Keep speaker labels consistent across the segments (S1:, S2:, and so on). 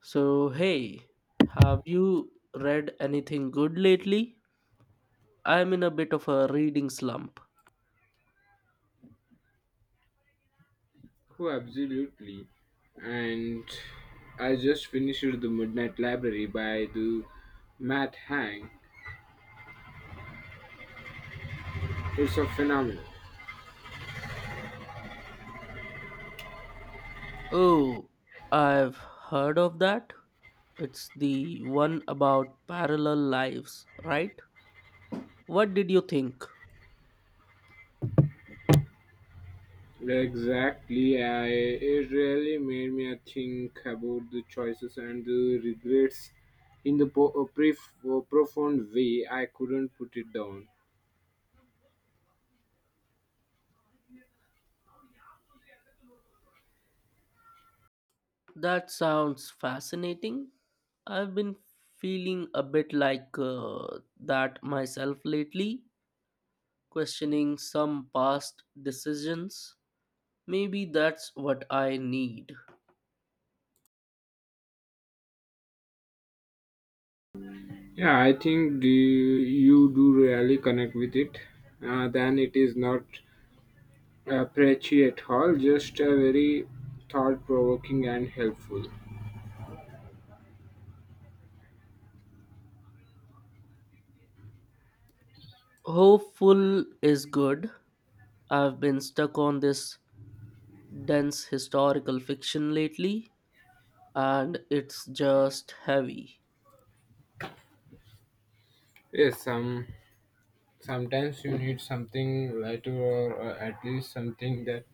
S1: So, hey, have you read anything good lately? I'm in a bit of a reading slump.
S2: Oh, absolutely. And I just finished The Midnight Library by the Matt Hang. It's a phenomenon.
S1: Oh, I've heard of that. It's the one about parallel lives, right? What did you think?
S2: Exactly. I, it really made me think about the choices and the regrets in the a profound way. I couldn't put it down.
S1: That sounds fascinating. I've been feeling a bit like that myself lately, questioning some past decisions. Maybe that's what I need.
S2: Yeah, I think you do really connect with it. Then it is not appreciate Hall, just a very thought provoking and helpful.
S1: Hopeful is good. I've been stuck on this dense historical fiction lately, and it's just heavy.
S2: Yes, sometimes you need something lighter or at least something that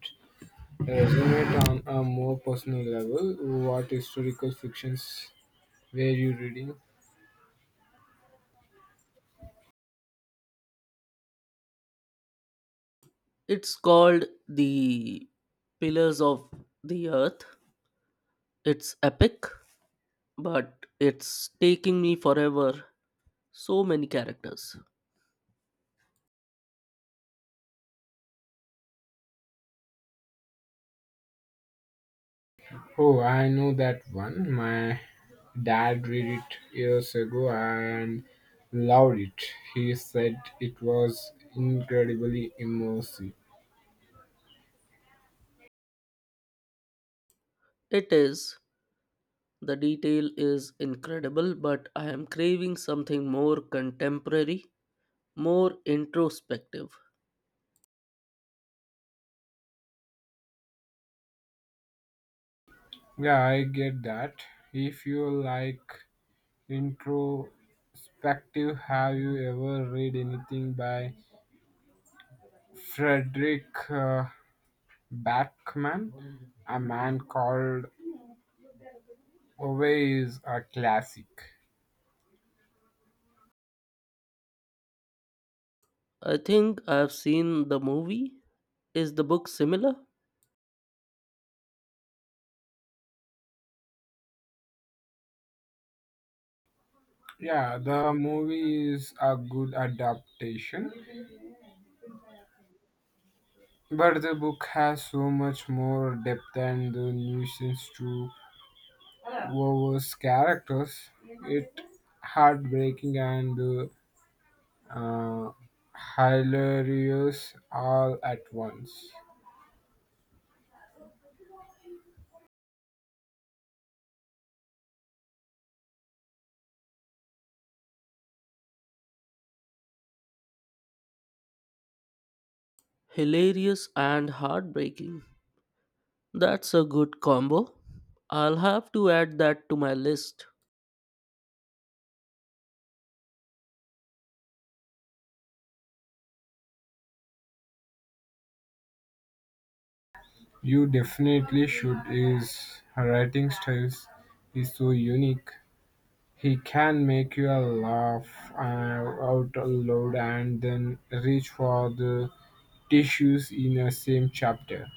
S2: resonates on a more personal level. What historical fictions were you reading?
S1: It's called The Pillars of the Earth. It's epic, but it's taking me forever. So many characters.
S2: Oh, I know that one. My dad read it years ago and loved it. He said it was incredibly immersive.
S1: It is. The detail is incredible, but I am craving something more contemporary, more introspective.
S2: Yeah, I get that. If you like introspective, have you ever read anything by Frederick Backman? A Man Called Away is a classic.
S1: I think I've seen the movie. Is the book similar?
S2: Yeah, the movie is a good adaptation, but the book has so much more depth and the nuisance to Wovo's characters. It heartbreaking and uh, hilarious all at once.
S1: Hilarious and heartbreaking. That's a good combo. I'll have to add that to my list.
S2: You definitely should. His writing styles is so unique. He can make you laugh uh, out loud and then reach for the tissues in the same chapter.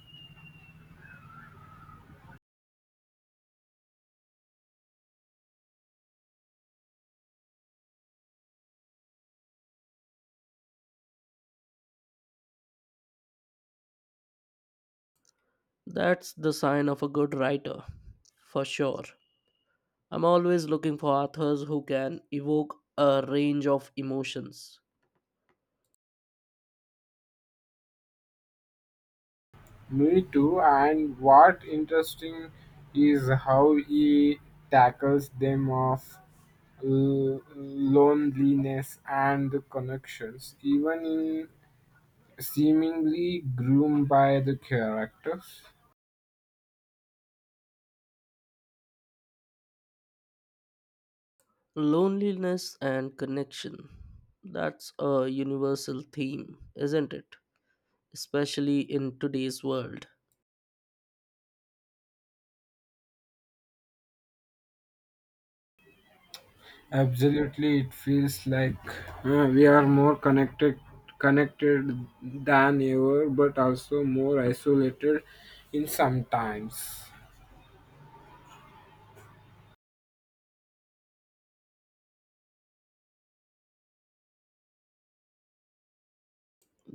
S1: That's the sign of a good writer, for sure. I'm always looking for authors who can evoke a range of emotions.
S2: Me too. And what interesting is how he tackles them of loneliness and the connections, even in seemingly groomed by the characters.
S1: Loneliness and connection. That's a universal theme, isn't it? Especially in today's world.
S2: Absolutely, it feels like we are more connected than ever, but also more isolated in sometimes.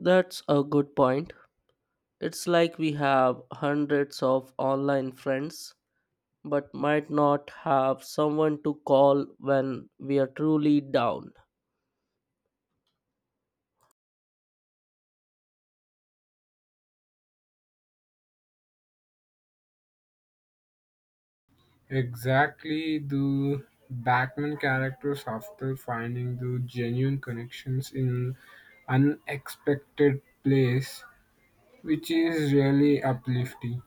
S1: That's a good point. It's like we have hundreds of online friends, but might not have someone to call when we are truly down.
S2: Exactly, the Batman characters after finding the genuine connections in unexpected place, which is really uplifting.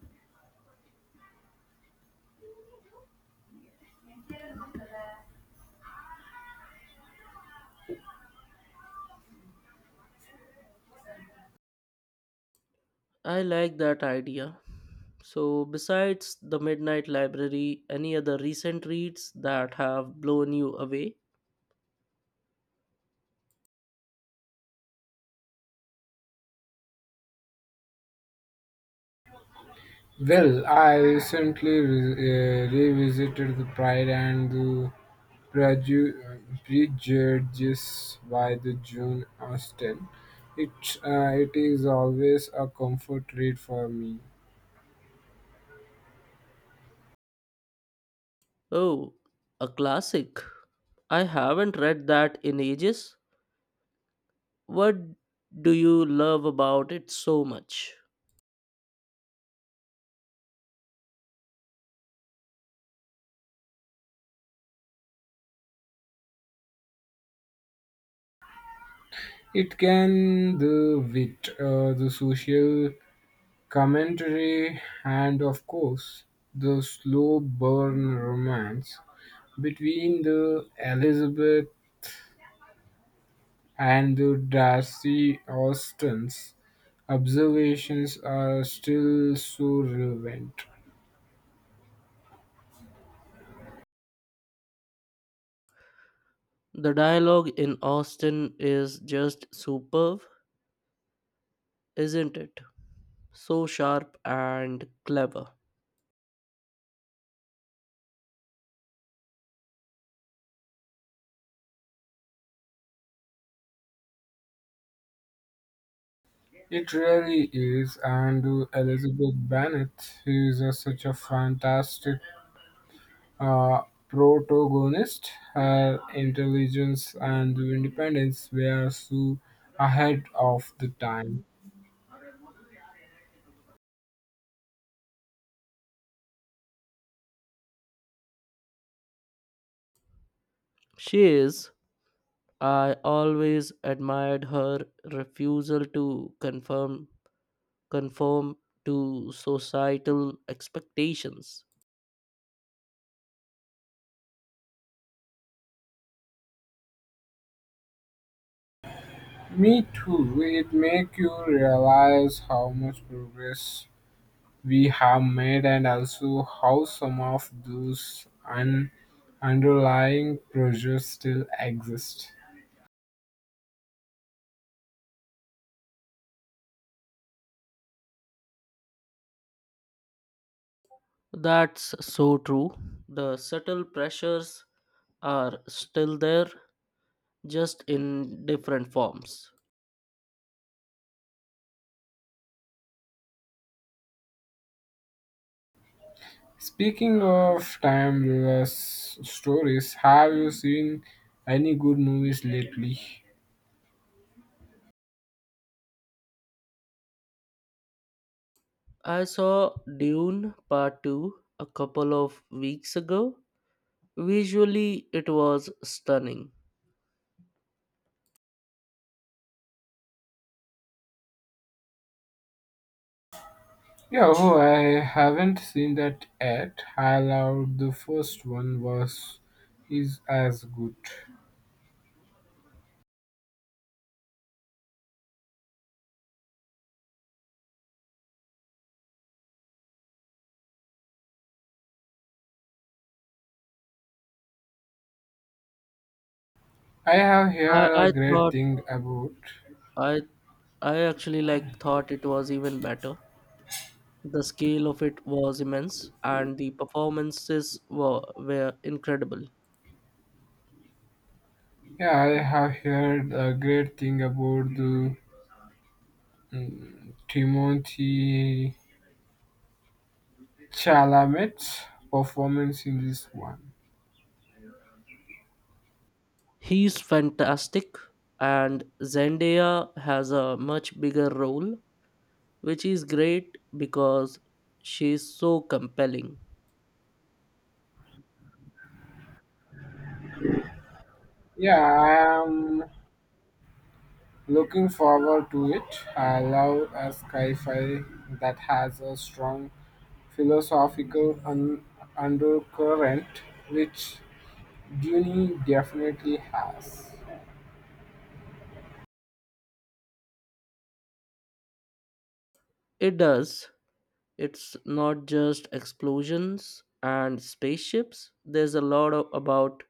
S1: I like that idea. So, besides the Midnight Library, any other recent reads that have blown you away?
S2: Well, I recently revisited the Pride and the Prejudice by the June Austen. It it is always a comfort read for me.
S1: Oh, a classic. I haven't read that in ages. What do you love about it so much?
S2: It can the wit, the social commentary, and of course the slow burn romance between the Elizabeth and the Darcy Austens observations are still so relevant.
S1: The dialogue in Austen is just superb, isn't it? So sharp and clever.
S2: It really is, and Elizabeth Bennet is such a fantastic uh, protagonist. Her intelligence and independence were so ahead of the time.
S1: She is. I always admired her refusal to confirm conform to societal expectations.
S2: Me too. It make you realize how much progress we have made and also how some of those underlying pressures still exist.
S1: That's so true. The subtle pressures are still there, just in different forms.
S2: Speaking of timeless stories, have you seen any good movies lately?
S1: I saw Dune Part 2 a couple of weeks ago. Visually, it was stunning.
S2: Yeah, oh, I haven't seen that yet. I loved the first one was is as good. I have
S1: I,
S2: heard
S1: I
S2: a great
S1: thought
S2: thing about.
S1: I I actually like thought it was even better. The scale of it was immense and the performances were incredible.
S2: Yeah, I have heard a great thing about the Timothy Chalamet's performance in this one.
S1: He's fantastic and Zendaya has a much bigger role which is great because she's so compelling.
S2: Yeah, I'm looking forward to it. I love a sci-fi that has a strong philosophical undercurrent, which Dune definitely has.
S1: It does. It's not just explosions and spaceships. There's a lot of, about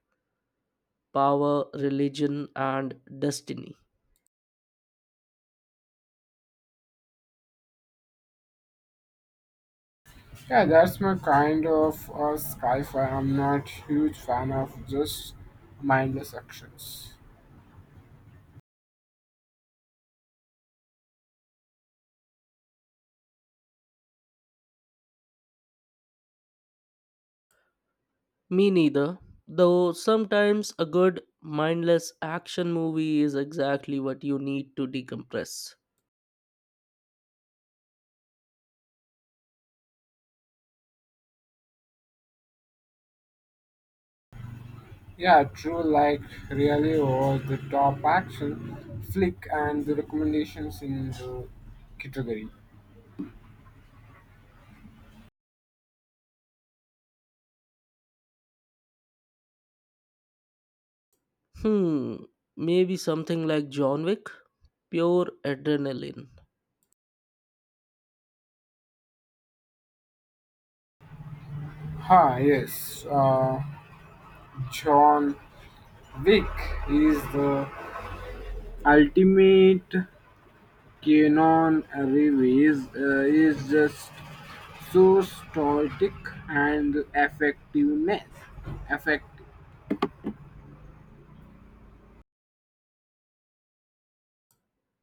S1: power, religion and destiny.
S2: Yeah, that's my kind of sci-fi. I'm not huge fan of just mindless actions.
S1: Me neither, though sometimes a good, mindless action movie is exactly what you need to decompress.
S2: Yeah, true, like really over the top action, flick, and the recommendations in the category.
S1: Hmm, maybe something like John Wick? Pure adrenaline.
S2: Ha, yes. John Wick is the ultimate canon reviews, is just so stoic and effectiveness. Effective.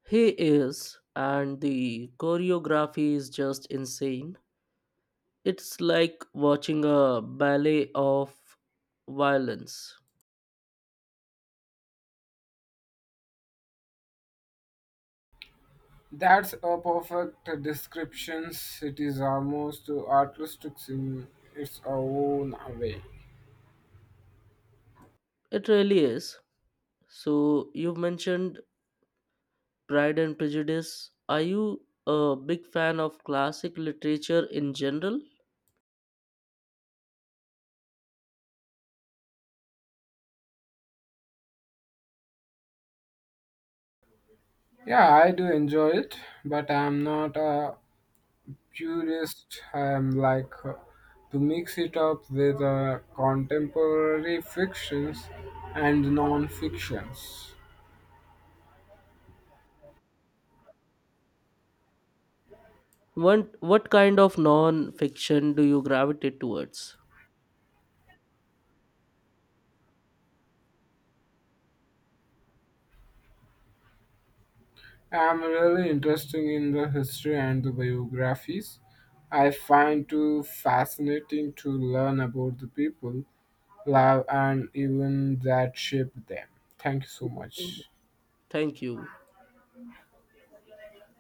S1: He is, and the choreography is just insane. It's like watching a ballet of violence.
S2: That's a perfect description. It is almost artistic in its own way.
S1: It really is. So, you've mentioned Pride and Prejudice. Are you a big fan of classic literature in general?
S2: Yeah, I do enjoy it, but I'm not a purist. I'm like to mix it up with contemporary fictions and non-fictions.
S1: What kind of non fiction do you gravitate towards?
S2: I'm really interested in the history and the biographies. I find too fascinating to learn about the people, love, and even that shaped them. Thank you so much.
S1: Thank you.